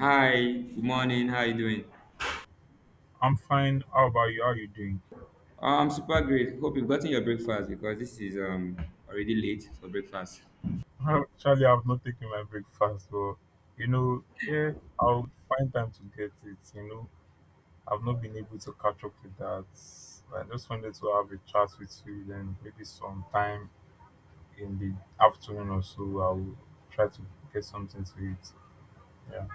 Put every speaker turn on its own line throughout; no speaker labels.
Hi, good morning. How are you doing?
I'm fine. How about you? How you doing?
I'm super great. Hope you've gotten your breakfast because this is already late for breakfast.
Actually, I've not taken my breakfast, but yeah, I'll find time to get it. I've not been able to catch up with that. I just wanted to have a chat with you, then maybe sometime in the afternoon or so, I'll try to get something to eat. Yeah.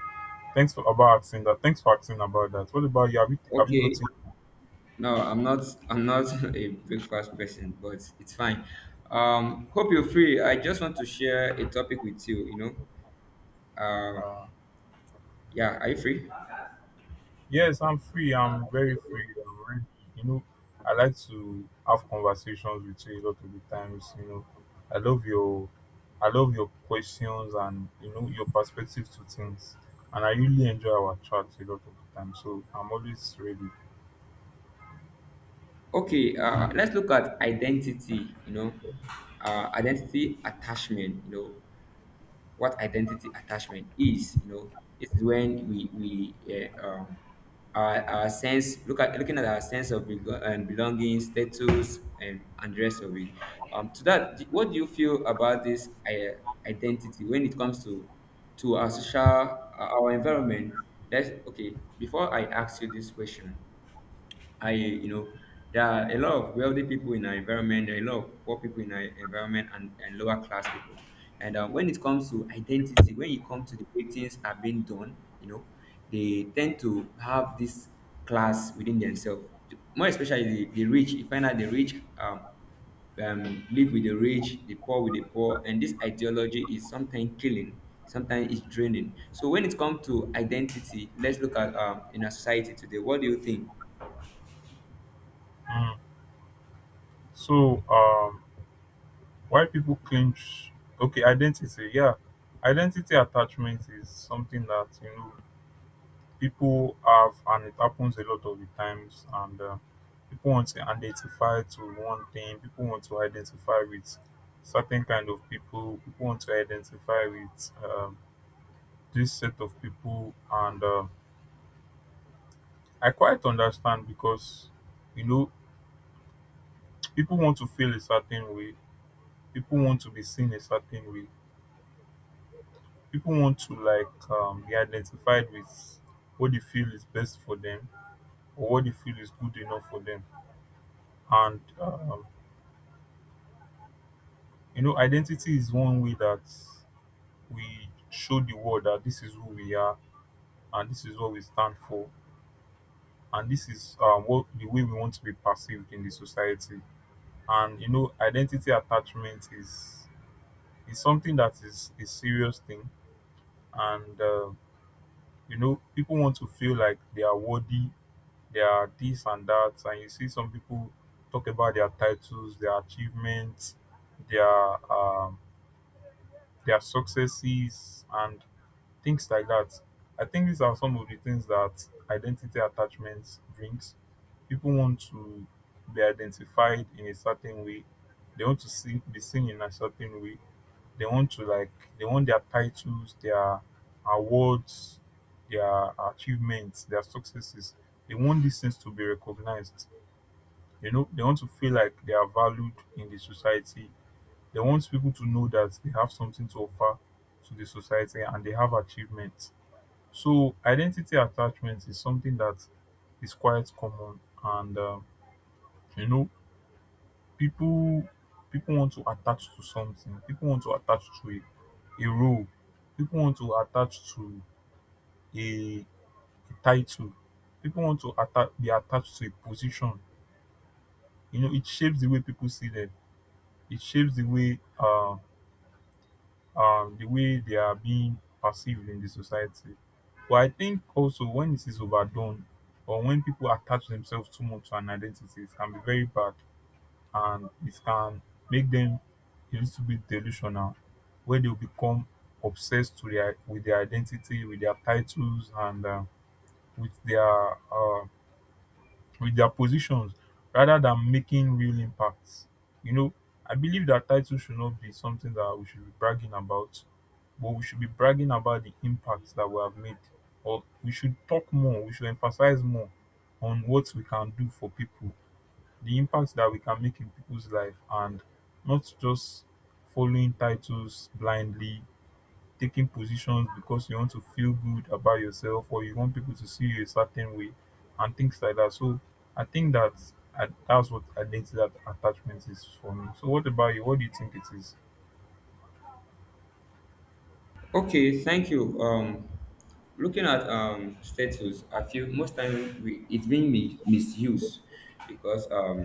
Thanks for about asking that. Thanks for asking about that. What about you? Have you
Okay.
gotten?
No, I'm not. I'm not a breakfast person, but it's fine. Hope you're free. I just want to share a topic with you. You know. Uh,
uh,
yeah. Are you free?
Yes, I'm free. I'm very free. I'm ready. You know, I like to have conversations with you a lot of the times. I love your, I love your questions and your perspective to things, and I really enjoy our chats a lot of the time. So I'm always ready.
Okay. Let's look at identity. Identity attachment. You know, what identity attachment is. You know, this is when our sense, look at looking at our sense of belo- and belonging, status, and rest of it. To that, d- what do you feel about this identity when it comes to our social our environment? That's okay. Before I ask you this question, I, you know, there are a lot of wealthy people in our environment, there are a lot of poor people in our environment, and lower class people. And when it comes to identity, when it comes to the way things are being done, you know, they tend to have this class within themselves. More especially the rich, you find out the rich live with the rich, the poor with the poor, and this ideology is sometimes killing, sometimes it's draining. So when it comes to identity, let's look at in our society today. What do you think?
Mm. So, um, why people clinch? Okay, identity. Yeah, identity attachment is something that people have, and it happens a lot of the times, and people want to identify to one thing, people want to identify with certain kind of people, people want to identify with this set of people, and I quite understand because you know people want to feel a certain way, people want to be seen a certain way, people want to like be identified with what they feel is best for them or what they feel is good enough for them, and you know, identity is one way that we show the world that this is who we are and this is what we stand for, and this is what the way we want to be perceived in the society. And you know, identity attachment is something that is a serious thing. And You know, people want to feel like they are worthy, they are this and that. And you see some people talk about their titles, their achievements, their um, their successes, and things like that. I think these are some of the things that identity attachment brings. People want to be identified in a certain way. They want to be seen in a certain way. They want to like they want their titles, their awards, their achievements, their successes. They want these things to be recognized. You know, they want to feel like they are valued in the society. They want people to know that they have something to offer to the society and they have achievements. So identity attachment is something that is quite common, and you know, people people want to attach to something, people want to attach to a role, people want to attach to a, a title, people want to be attached to a position. You know, it shapes the way people see them, it shapes the way they are being perceived in the society. But I think also when this is overdone or when people attach themselves too much to an identity, it can be very bad, and it can make them a little bit delusional, where they'll become obsessed with their identity, with their titles, and with their uh, with their positions rather than making real impacts. You know, I believe that title should not be something that we should be bragging about, but we should be bragging about the impacts that we have made. Or We should talk more, we should emphasize more on what we can do for people, the impacts that we can make in people's life, and not just following titles blindly, taking positions because you want to feel good about yourself or you want people to see you a certain way and things like that. So I think that that's what identity that attachment is for me. So what about you? What do you think it is?
Okay, thank you. Looking at status, I feel most time we, it's being mi- misused because um,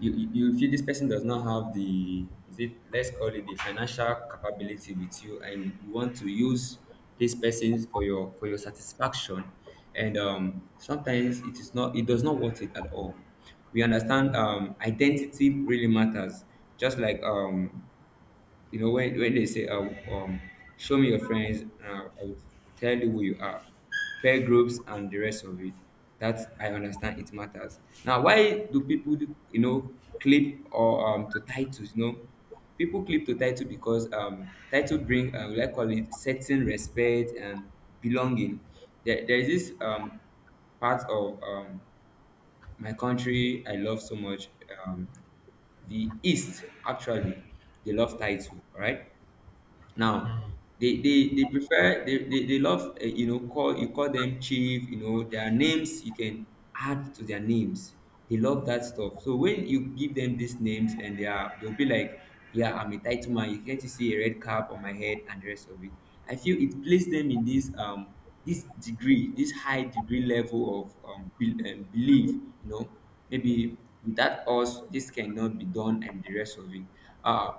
you, you you feel this person does not have the, is it, let's call it, the financial capability with you, and you want to use this person for your satisfaction, and sometimes it is not, it does not worth it at all. We understand identity really matters, just like you know, when they say, um, show me your friends, I'll tell you who you are, peer groups, and the rest of it. That I understand it matters. Now, why do people, do- you know, clip or to titles? You know, people clip to title because title bring, like call it, certain respect and belonging. There is this part of my country I love so much. Um, the East, actually, they love title, all right? Now,
Mm.
they prefer they love you know, call you, call them chief. You know their names, you can add to their names. They love that stuff. So when you give them these names and they are they'll be like, yeah, I'm a title man. You can't see a red cap on my head and the rest of it. I feel it placed them in this degree, this high degree level of belief. You know, maybe without us this cannot be done and the rest of it. uh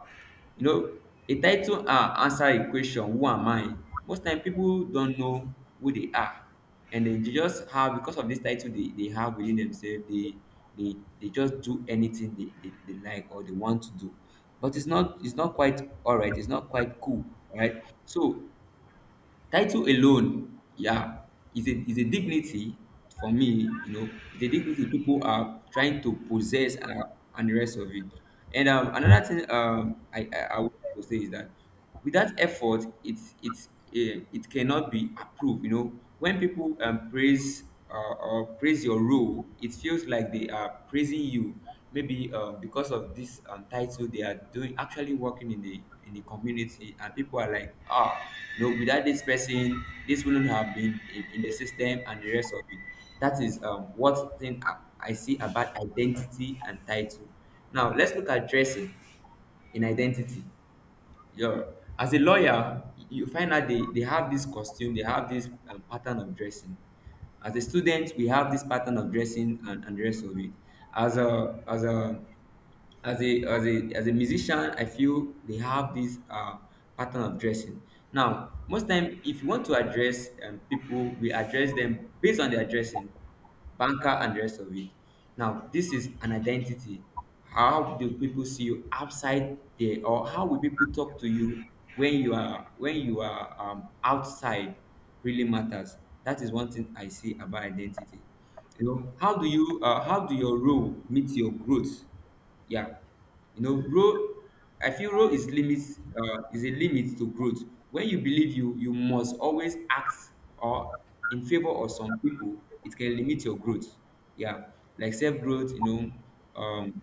you know a title answer a question: who am I? Most time people don't know who they are, and they just have, because of this title they have within themselves, they they just do anything they like or they want to do. But it's not, it's not quite all right, it's not quite cool, right? So title alone, yeah, is a, is a dignity for me. You know, it's a dignity people are trying to possess, and the rest of it. And another thing, I would like to say is that without effort, it's it cannot be approved. You know, when people praise or praise your role, it feels like they are praising you, maybe because of this title, they are doing, actually working in the community, and people are like, ah, you know, without this person, this wouldn't have been in the system and the rest of it. That is what thing I see about identity and title. Now let's look at dressing in identity. Yeah, as a lawyer, you find out they have this costume, they have this pattern of dressing. As a student, we have this pattern of dressing, and the rest of it. As a as a as a as a as a musician, I feel they have this pattern of dressing. Now, most time, if you want to address people, we address them based on their dressing, banker and the rest of it. Now, this is an identity. How do people see you outside there, or how will people talk to you when you are, when you are outside? Really matters. That is one thing I see about identity. You know, how do you how do your role meet your growth? Yeah. You know, role, I feel role is limits, is a limit to growth. When you believe you, you must always act or in favor of some people, it can limit your growth. Yeah, like self growth, you know, um,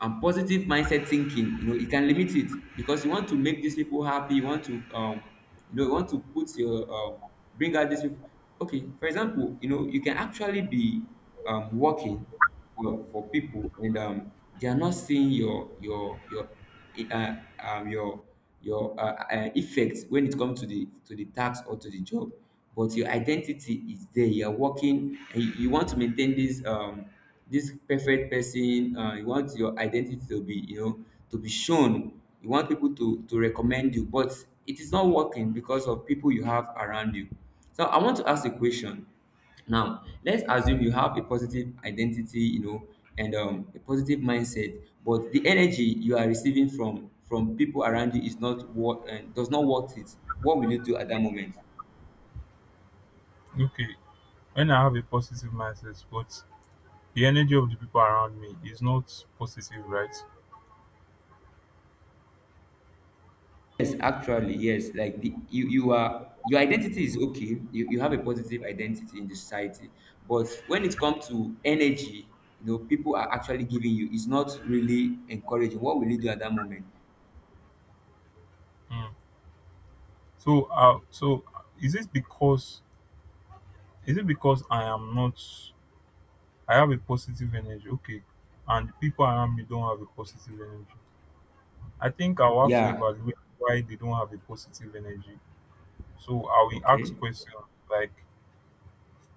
and positive mindset thinking. You know, it can limit it because you want to make these people happy. You want to you know, you want to put your bring out these people. Okay, for example, you know, you can actually be working for people, and um, they are not seeing uh, um your your effects when it comes to the, to the task or to the job. But your identity is there, you are working, and you want to maintain this perfect person, you want your identity to be, you know, to be shown, you want people to recommend you, but it is not working because of people you have around you. So I want to ask a question. Now let's assume you have a positive identity, you know, and a positive mindset, but the energy you are receiving from people around you is not what, does not worth it. What will you do at that moment?
Okay, when I have a positive mindset, but the energy of the people around me is not positive, right?
Yes, actually, yes, like the, you are, your identity is okay, you have a positive identity in the society, but when it comes to energy, you know, people are actually giving you is not really encouraging. What will you do at that moment?
Mm. So is it because is it because I am not I have a positive energy? Okay, and the people around me don't have a positive energy. I think I'll have to
Yeah.
evaluate why they don't have a positive energy. So I will
Okay.
ask questions like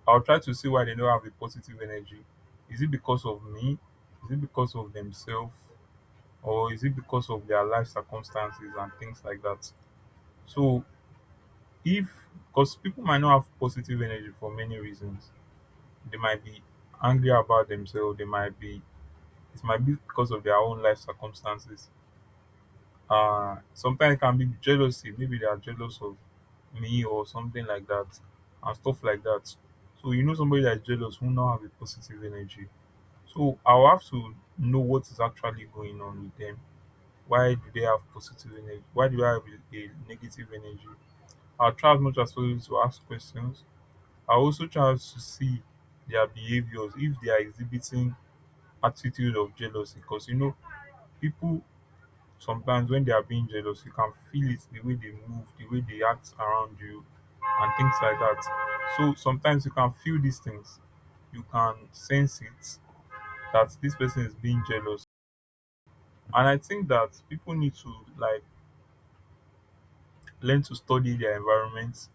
I'll try to see why they don't have a positive energy. Is it because of me? Is it because of themselves? Or is it because of their life circumstances and things like that? So if because people might not have positive energy for many reasons. They might be angry about themselves, they might be it might be because of their own life circumstances. Uh, sometimes it can be jealousy, maybe they are jealous of me or something like that, and stuff like that. So you know somebody that's jealous will not have a positive energy. So I'll have to know what is actually going on with them. Why do they have positive energy, why do I have a negative energy? I'll try as much as possible to ask questions. I also try to see their behaviors if they are exhibiting attitude of jealousy, because you know people sometimes when they are being jealous, you can feel it the way they move, the way they act around you and things like that. So sometimes you can feel these things, you can sense it, that this person is being jealous. And I think that people need to like learn to study their environment,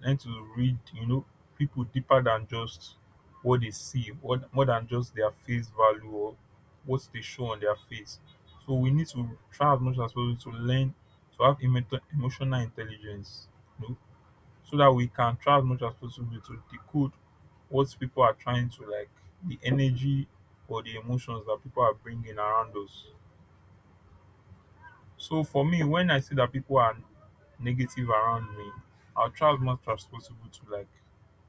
learn to read, you know, people deeper than just what they see, more than just their face value or what they show on their face. So we need to try as much as possible to learn to have emotional intelligence, you know, so that we can try as much as possible to decode what people are trying to like, the energy or the emotions that people are bringing around us. So for me, when I see that people are negative around me, I'll try as much as possible to like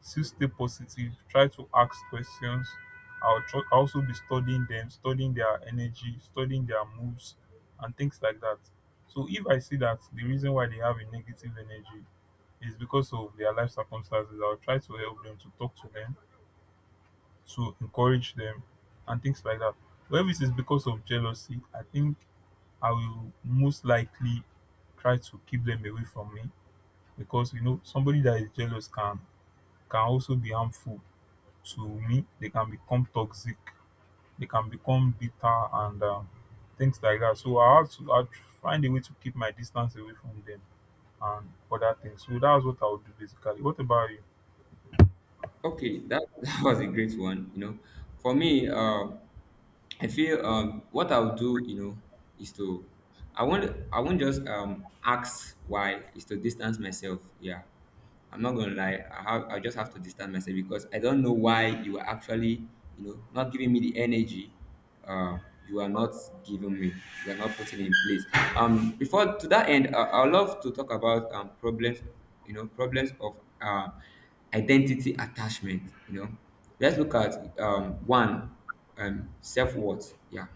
still stay positive, try to ask questions. I'll also be studying them, studying their energy, studying their moves, and things like that. So if I see that the reason why they have a negative energy is because of their life circumstances, I'll try to help them, to talk to them, to encourage them, and things like that. But if it is because of jealousy, I think I will most likely try to keep them away from me, because you know somebody that is jealous can also be harmful to me. They can become toxic. They can become bitter and things like that. So I have to I find a way to keep my distance away from them and other things. So that's what I would do basically. What about you?
Okay, that, that was a great one. You know, for me, I feel what I'll do, you know, is to, I won't just ask why, is to distance myself. Yeah, I'm not gonna lie. I have, I just have to distance myself because I don't know why you are actually, you know, not giving me the energy. Uh, you are not giving me. You are not putting in place. Before to that end, I would love to talk about problems. You know, problems of identity attachment. You know, let's look at one self-worth. Yeah,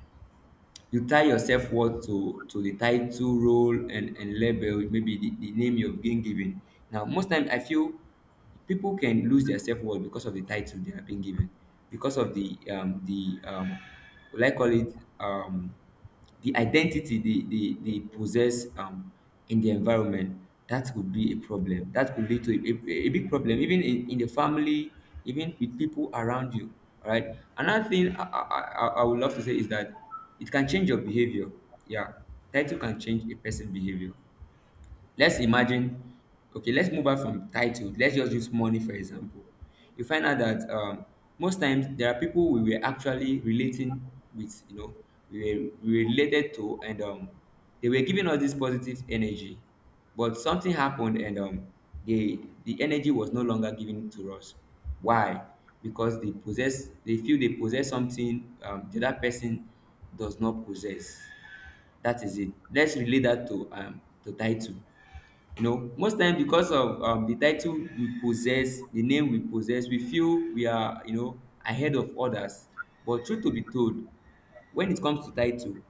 you tie your self-worth to the title, role, and label, maybe the name you've been given. Now most times I feel people can lose their self-worth because of the title they have been given, because of the what I call it um the identity dey dey dey possess in the environment. That could be a problem, that could lead to a big problem, even in the family, even with people around you. All right, another thing I would love to say is that it can change your behavior. Yeah, title can change a person's behavior. Let's imagine, okay, let's move out from title. Let's just use money for example. You find out that most times there are people we were actually relating with, you know, we related to, and they were giving us this positive energy, but something happened, and they, the energy was no longer given to us. Why? Because they possess, they feel they possess something the other person does not possess. That is it. Let's relate that to title. You know, most time, because of the title we possess, the name we possess, we feel we are, you know, ahead of others. But truth to be told, when it comes to title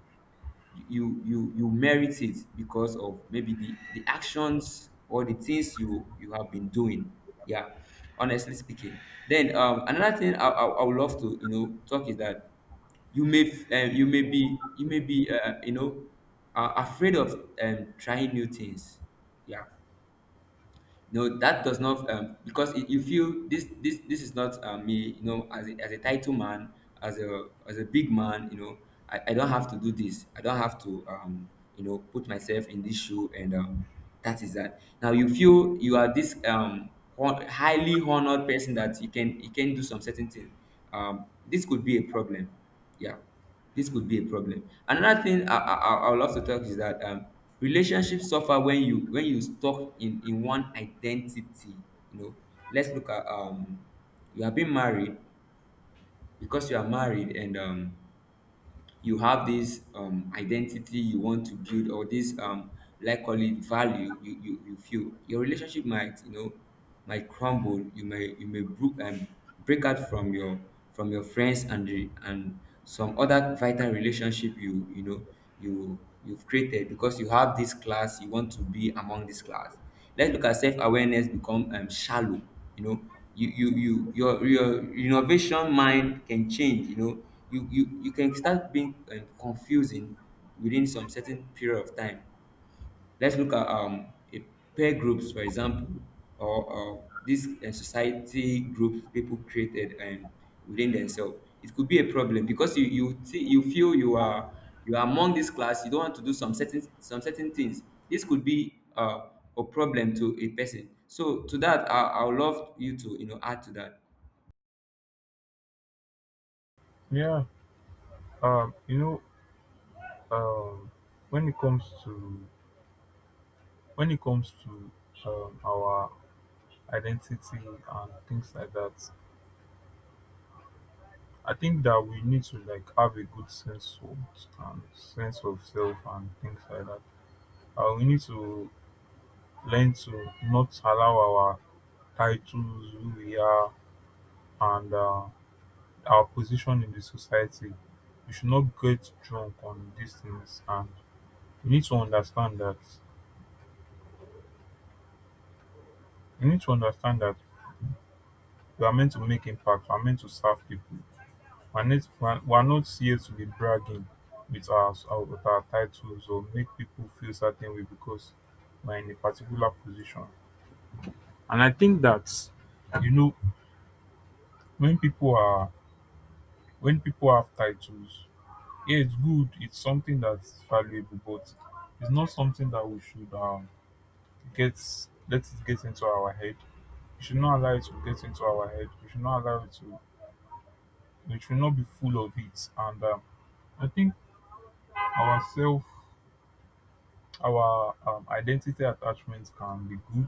you merit it because of maybe the actions or the things you have been doing, yeah, honestly speaking. Then another thing I would love to talk is that you may be afraid of trying new things, yeah. No, that does not because you feel this is not me, as as a title man, as a big man, I don't have to do this. I don't have to, put myself in this shoe, and that is that. Now you feel you are this highly honored person, that you can do some certain thing. This could be a problem, yeah. Dis could be a problem. Another thing I would love to talk is that relationship suffer when you stuck in one identity, you know. Let's look at, you are being married. Because you are married, and you have this identity you want to build, or this like call it value, you feel your relationship might, might crumble. You may you may break break out from your, from your friends, and and some other vital relationship you you've created, because you have this class. You want to be among this class. Let's look at self-awareness become shallow. You know, your innovation mind can change. You know, you can start being confusing within some certain period of time. Let's look at, a peer groups, for example, or this society group people created within themselves. It could be a problem because you you feel you are, you are among this class. You don't want to do some certain things. This could be a problem to a person. So to that, I would love you to add to that.
Yeah. Um. You know. Um. When it comes to when it comes to our identity and things like that, I think that we need to like have a good sense of self and things like that. We need to learn to not allow our titles, who we are, and our position in the society. We should not get drunk on these things, and we need to understand that we need to understand that we are meant to make impact. We are meant to serve people. We're not here to be bragging with our titles or make people feel certain way because we're in a particular position. And I think that you know when people are when people have titles, yeah, it's good. It's something that's valuable, but it's not something that we should get let it get into our head. We should not allow it to get into our head. We should not allow it to. We should not be full of it. And I think our self our identity attachment can be good,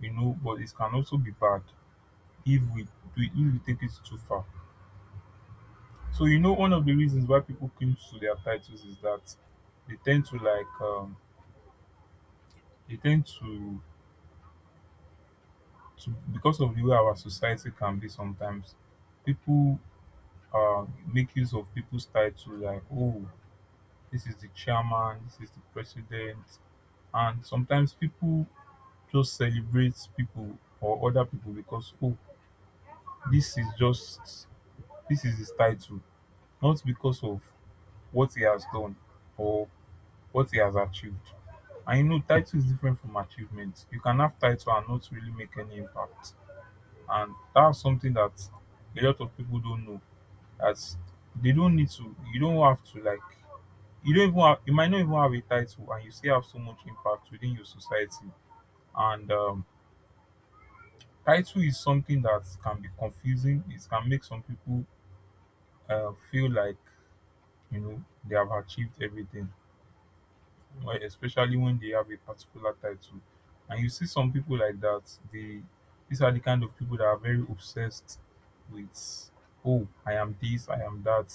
you know, but it can also be bad if we do if we take it too far. So you know one of the reasons why people cling to their titles is that they tend to like um they tend to because of the way our society can be sometimes, people uh make use of people's title, like oh, this is the chairman, this is the president. And sometimes people just celebrate people or other people because oh, This is just this is his title, not because of what he has done or what he has achieved. And you know, title is different from achievement. You can have title and not really make any impact. And that's something that a lot of people don't know. As they don't need to, you don't have to like you might not even have a title and you still have so much impact within your society. And title is something that can be confusing. It can make some people feel like they have achieved everything, like especially when they have a particular title. And you see some people like that they These are the kind of people that are very obsessed with, oh, I am this, I am that.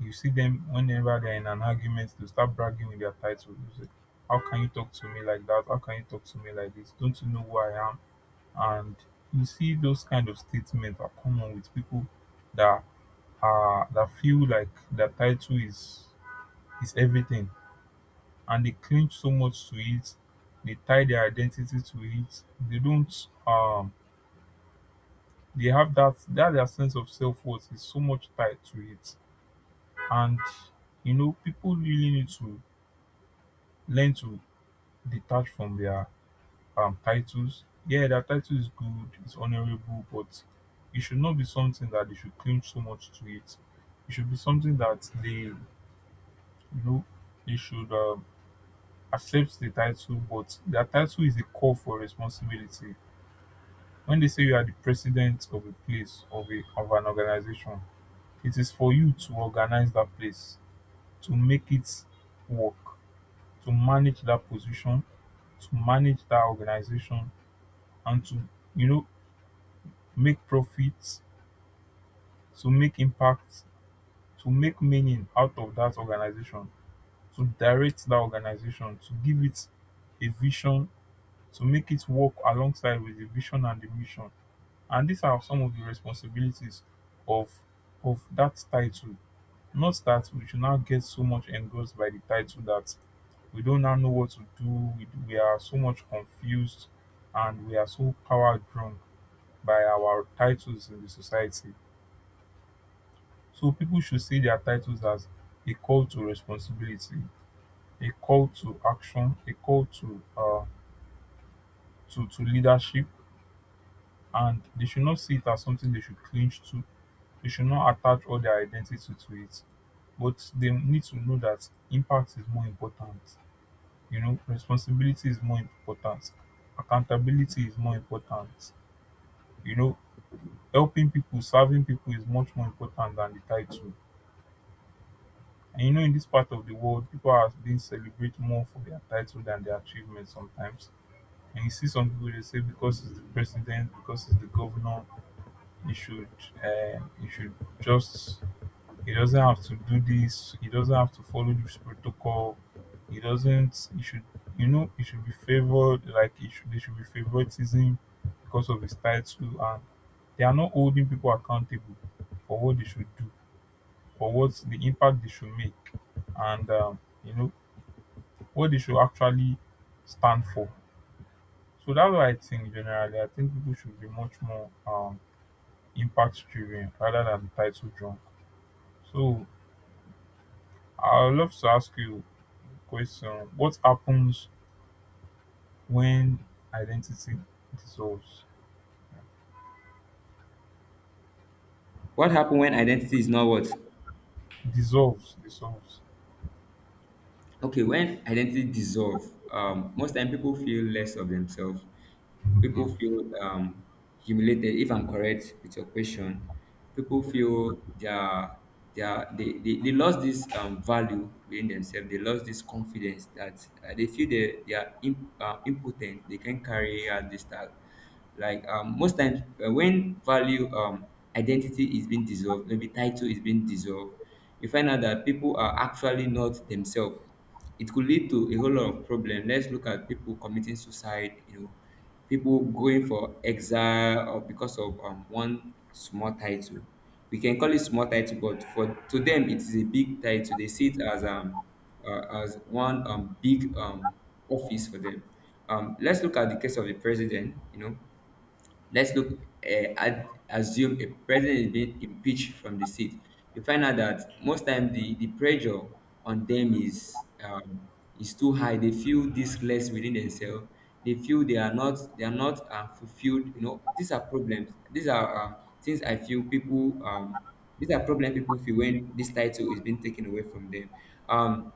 You see them, whenever they're in an argument, they start bragging with their title. You say, how can you talk to me like that, how can you talk to me like this, don't you know who I am? And you see those kind of statements are common with people that are that feel like their title is everything, and they cling so much to it. They tie their identity to it. They don't. They have that their sense of self worth is so much tied to it. And people really need to learn to detach from their titles. Yeah, their title is good, it's honorable, but it should not be something that they should cling so much to it. It should be something that they, know, they should accept the title, but their title is a call for responsibility. When they say you are the president of a place, of a, of an organization, it is for you to organize that place, to make it work, to manage that position, to manage that organization, and to, you know, make profits, to make impact, to make meaning out of that organization, to direct that organization, to give it a vision, to make it work alongside with the vision and the mission. And these are some of the responsibilities of of that title. Not that we should now get so much engrossed by the title that we don't now know what to do. We are so much confused, and we are so power drunk by our titles in the society. So people should see their titles as a call to responsibility, a call to action, a call to leadership, and they should not see it as something they should cling to. You should not attach all their identity to it, but they need to know that impact is more important. Responsibility is more important. Accountability is more important. You know, helping people, serving people is much more important than the title. And you know, in this part of the world, people are being celebrated more for their title than their achievements sometimes. And you see some people, they say because it's the president, because it's the governor, you should, you should just He doesn't have to do this. He doesn't have to follow this protocol. He doesn't. He should, he should be favored. Like he should, there should be favoritism because of his title, and they are not holding people accountable for what they should do, for what the impact they should make, and you know what they should actually stand for. So that's what I think generally. I think people should be much more impact driven rather than title drunk. So I would love to ask you. Question: what happens when identity dissolves?
What happened when identity is not what?
Dissolves, dissolves.
Okay, when identity dissolve, most time people feel less of themselves.
Mm.
People feel humiliated. If I'm correct with your question, people
Yeah.
feel they are, they are, they lost this value within themselves. They lost this confidence that they feel they are impotent. They can carry out this task. Like most times, when value identity is being dissolved, maybe title is being dissolved, you find out that people are actually not themselves. It could lead to a whole lot of problem. Let's look at people committing suicide, you know, people going for exile, or because of one small title. We can call it small title, but for to them it is a big title. They see it as one big office for them. Let's look at the case of the president. You know, let's look, at assume a president is being impeached from the seat. You find out that most time the pressure on them is, is too high. They feel this less within themselves. They feel they are not, they are not fulfilled. You know, these are problems. These are, things I feel people, these are problems people feel when this title is being taken away from them. Um,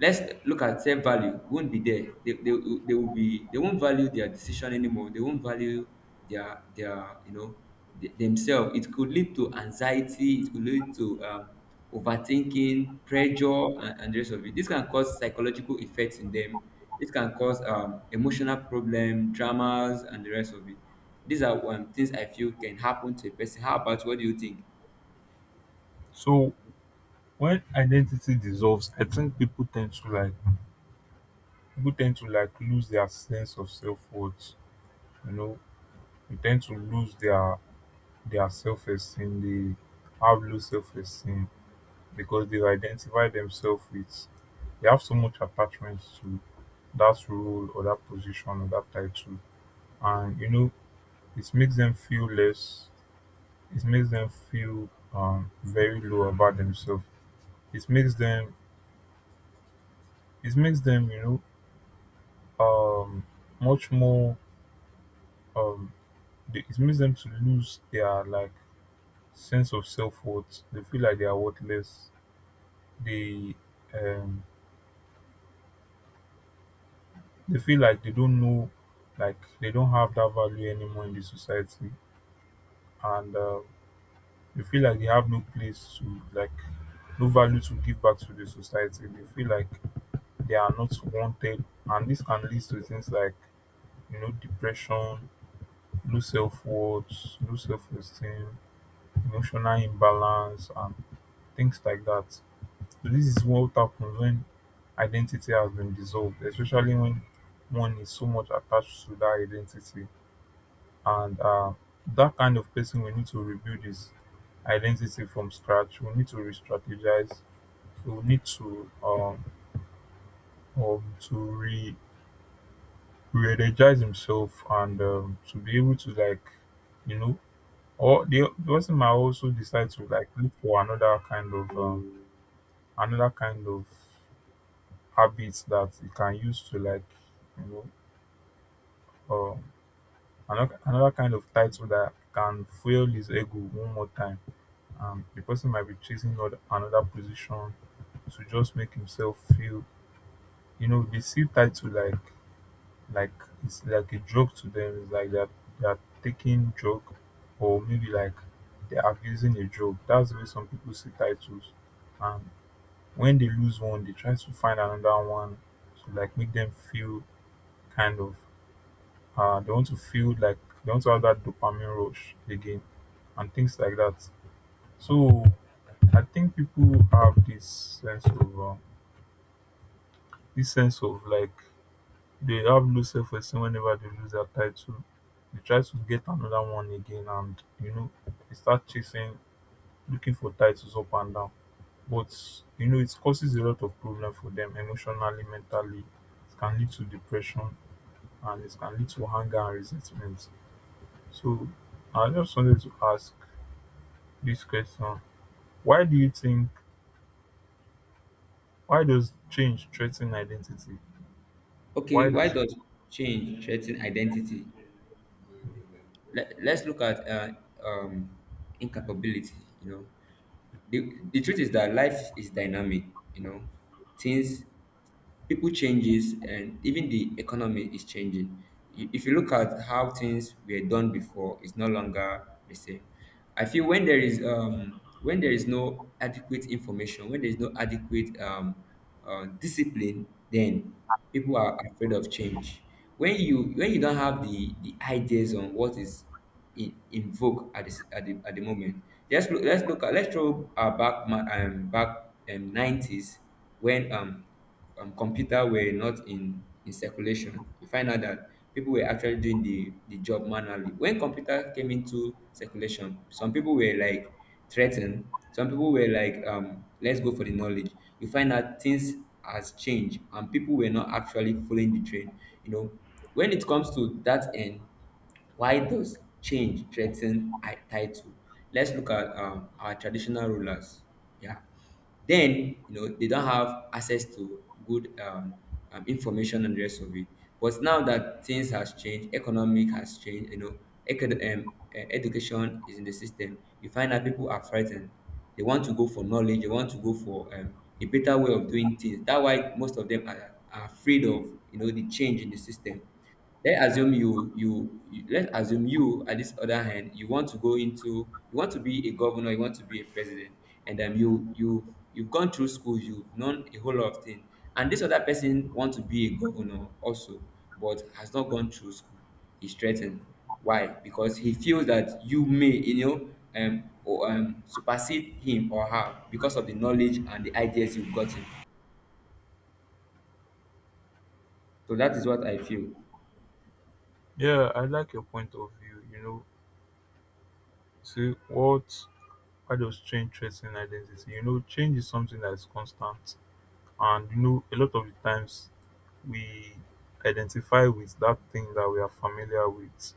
let's look at self value won't be there. They will be, they won't value their decision anymore. They won't value their, themselves. It could lead to anxiety. It could lead to overthinking, pressure, and the rest of it. This can cause psychological effects in them. This can cause emotional problem, dramas, and the rest of it. These are things I feel can happen to a person. How about, what do you think?
So when identity dissolves, I think people tend to like lose their sense of self worth. You know, they tend to lose their self esteem. They have low self esteem because they've identified themselves with. They have so much attachment to that role or that position or that title, and you know, it makes them feel less. It makes them feel very low about themselves. It makes them. It makes them. You know, much more. Um, it makes them to lose their like sense of self worth. They feel like they are worthless. They um they feel like they don't know, like they don't have that value anymore in the society, and they feel like they have no place to like no value to give back to the society. They feel like they are not wanted, and this can lead to things like, you know, depression, low self-worth, low self-esteem, emotional imbalance, and things like that. So this is what happens when identity has been dissolved, especially when one is so much attached to that identity. And that kind of person, we need to rebuild his identity from scratch. We need to re-strategize. We need to re to energize himself, and to be able to like, you know, or the person might also decide to like look for another kind of habits that you can use to like, you know um, another kind of title that can fuel his ego one more time. The person might be chasing another position to just make himself feel, you know, they see title like it's like a joke to them. It's like they're taking joke, or maybe like they're abusing a joke. That's the way some people see titles. And when they lose one, they try to find another one to like make them feel kind of, they want to feel like they want to have that dopamine rush again, and things like that. So I think people have sense of uh, this sense of like, they have low esteem whenever they lose their title. They try to get another one again, and you know, they start chasing, looking for titles up and down. But you know, it causes a lot of problem for them emotionally, mentally. It can lead to depression, and it can lead to anger and resentment. So I just wanted to ask this question: why do you think why does change threaten identity
Okay,
why
why
does
does change threaten identity? Let's look at um, incapability. You know, the truth is that life is dynamic. You know, things, people changes, and even the economy is changing. If you look at how things were done before, it's no longer the same. I feel when there is, when there is no adequate information, when there is no adequate discipline, then people are afraid of change. When you don't have the ideas on what is in vogue at this, at the moment. Let's look at, let's throw our back back 90s, when computer were not in circulation. You find out that people were actually doing the job manually. When computer came into circulation, some people were like threatened, some people were like, let's go for the knowledge. You find out things has changed, and people were not actually following the train. You know, when it comes to that end, why does change threaten title? Let's look at, our traditional rulers. Yeah, then you know they don't have access to good information and the rest of it. But now that things has changed, economic has changed. You know, education is in the system. You find that people are frightened. They want to go for knowledge. They want to go for, a better way of doing things. That's why most of them are afraid of, the change in the system. Let's assume you, let's assume you, at this other hand, you want to go into, you want to be a governor, you want to be a president, and you've gone through school, you've known a whole lot of things, and this other person wants to be a governor also, but has not gone through school. He's threatened. Why? Because he feels that you may, or supersede him or her because of the knowledge and the ideas you've gotten. So that is what I feel.
yeah I like your point of view, you know, see what. Why does change threaten identity? You know, change is something that is constant, and you know, a lot of the times we identify with that thing that we are familiar with,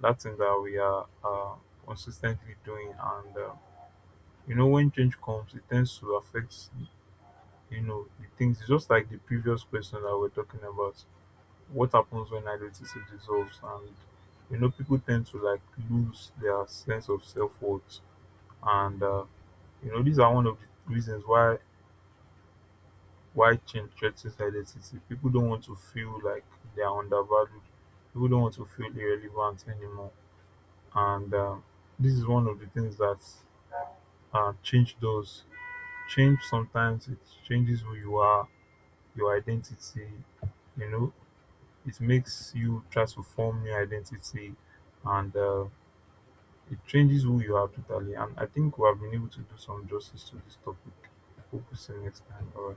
that thing that we are consistently doing, and you know, when change comes, it tends to affect, you know, the things. It's just like the previous question that we're talking about. What happens when identity dissolves, and you know, people tend to like lose their sense of self worth, and you know, these are one of the reasons why change threatens identity. People don't want to feel like they are undervalued. People don't want to feel irrelevant anymore, and this is one of the things that change does. Change sometimes it changes who you are, your identity, you know. It makes you try to form new identity, and it changes who you are totally. And I think we have been able to do some justice to this topic. Hope we see you next time. Bye.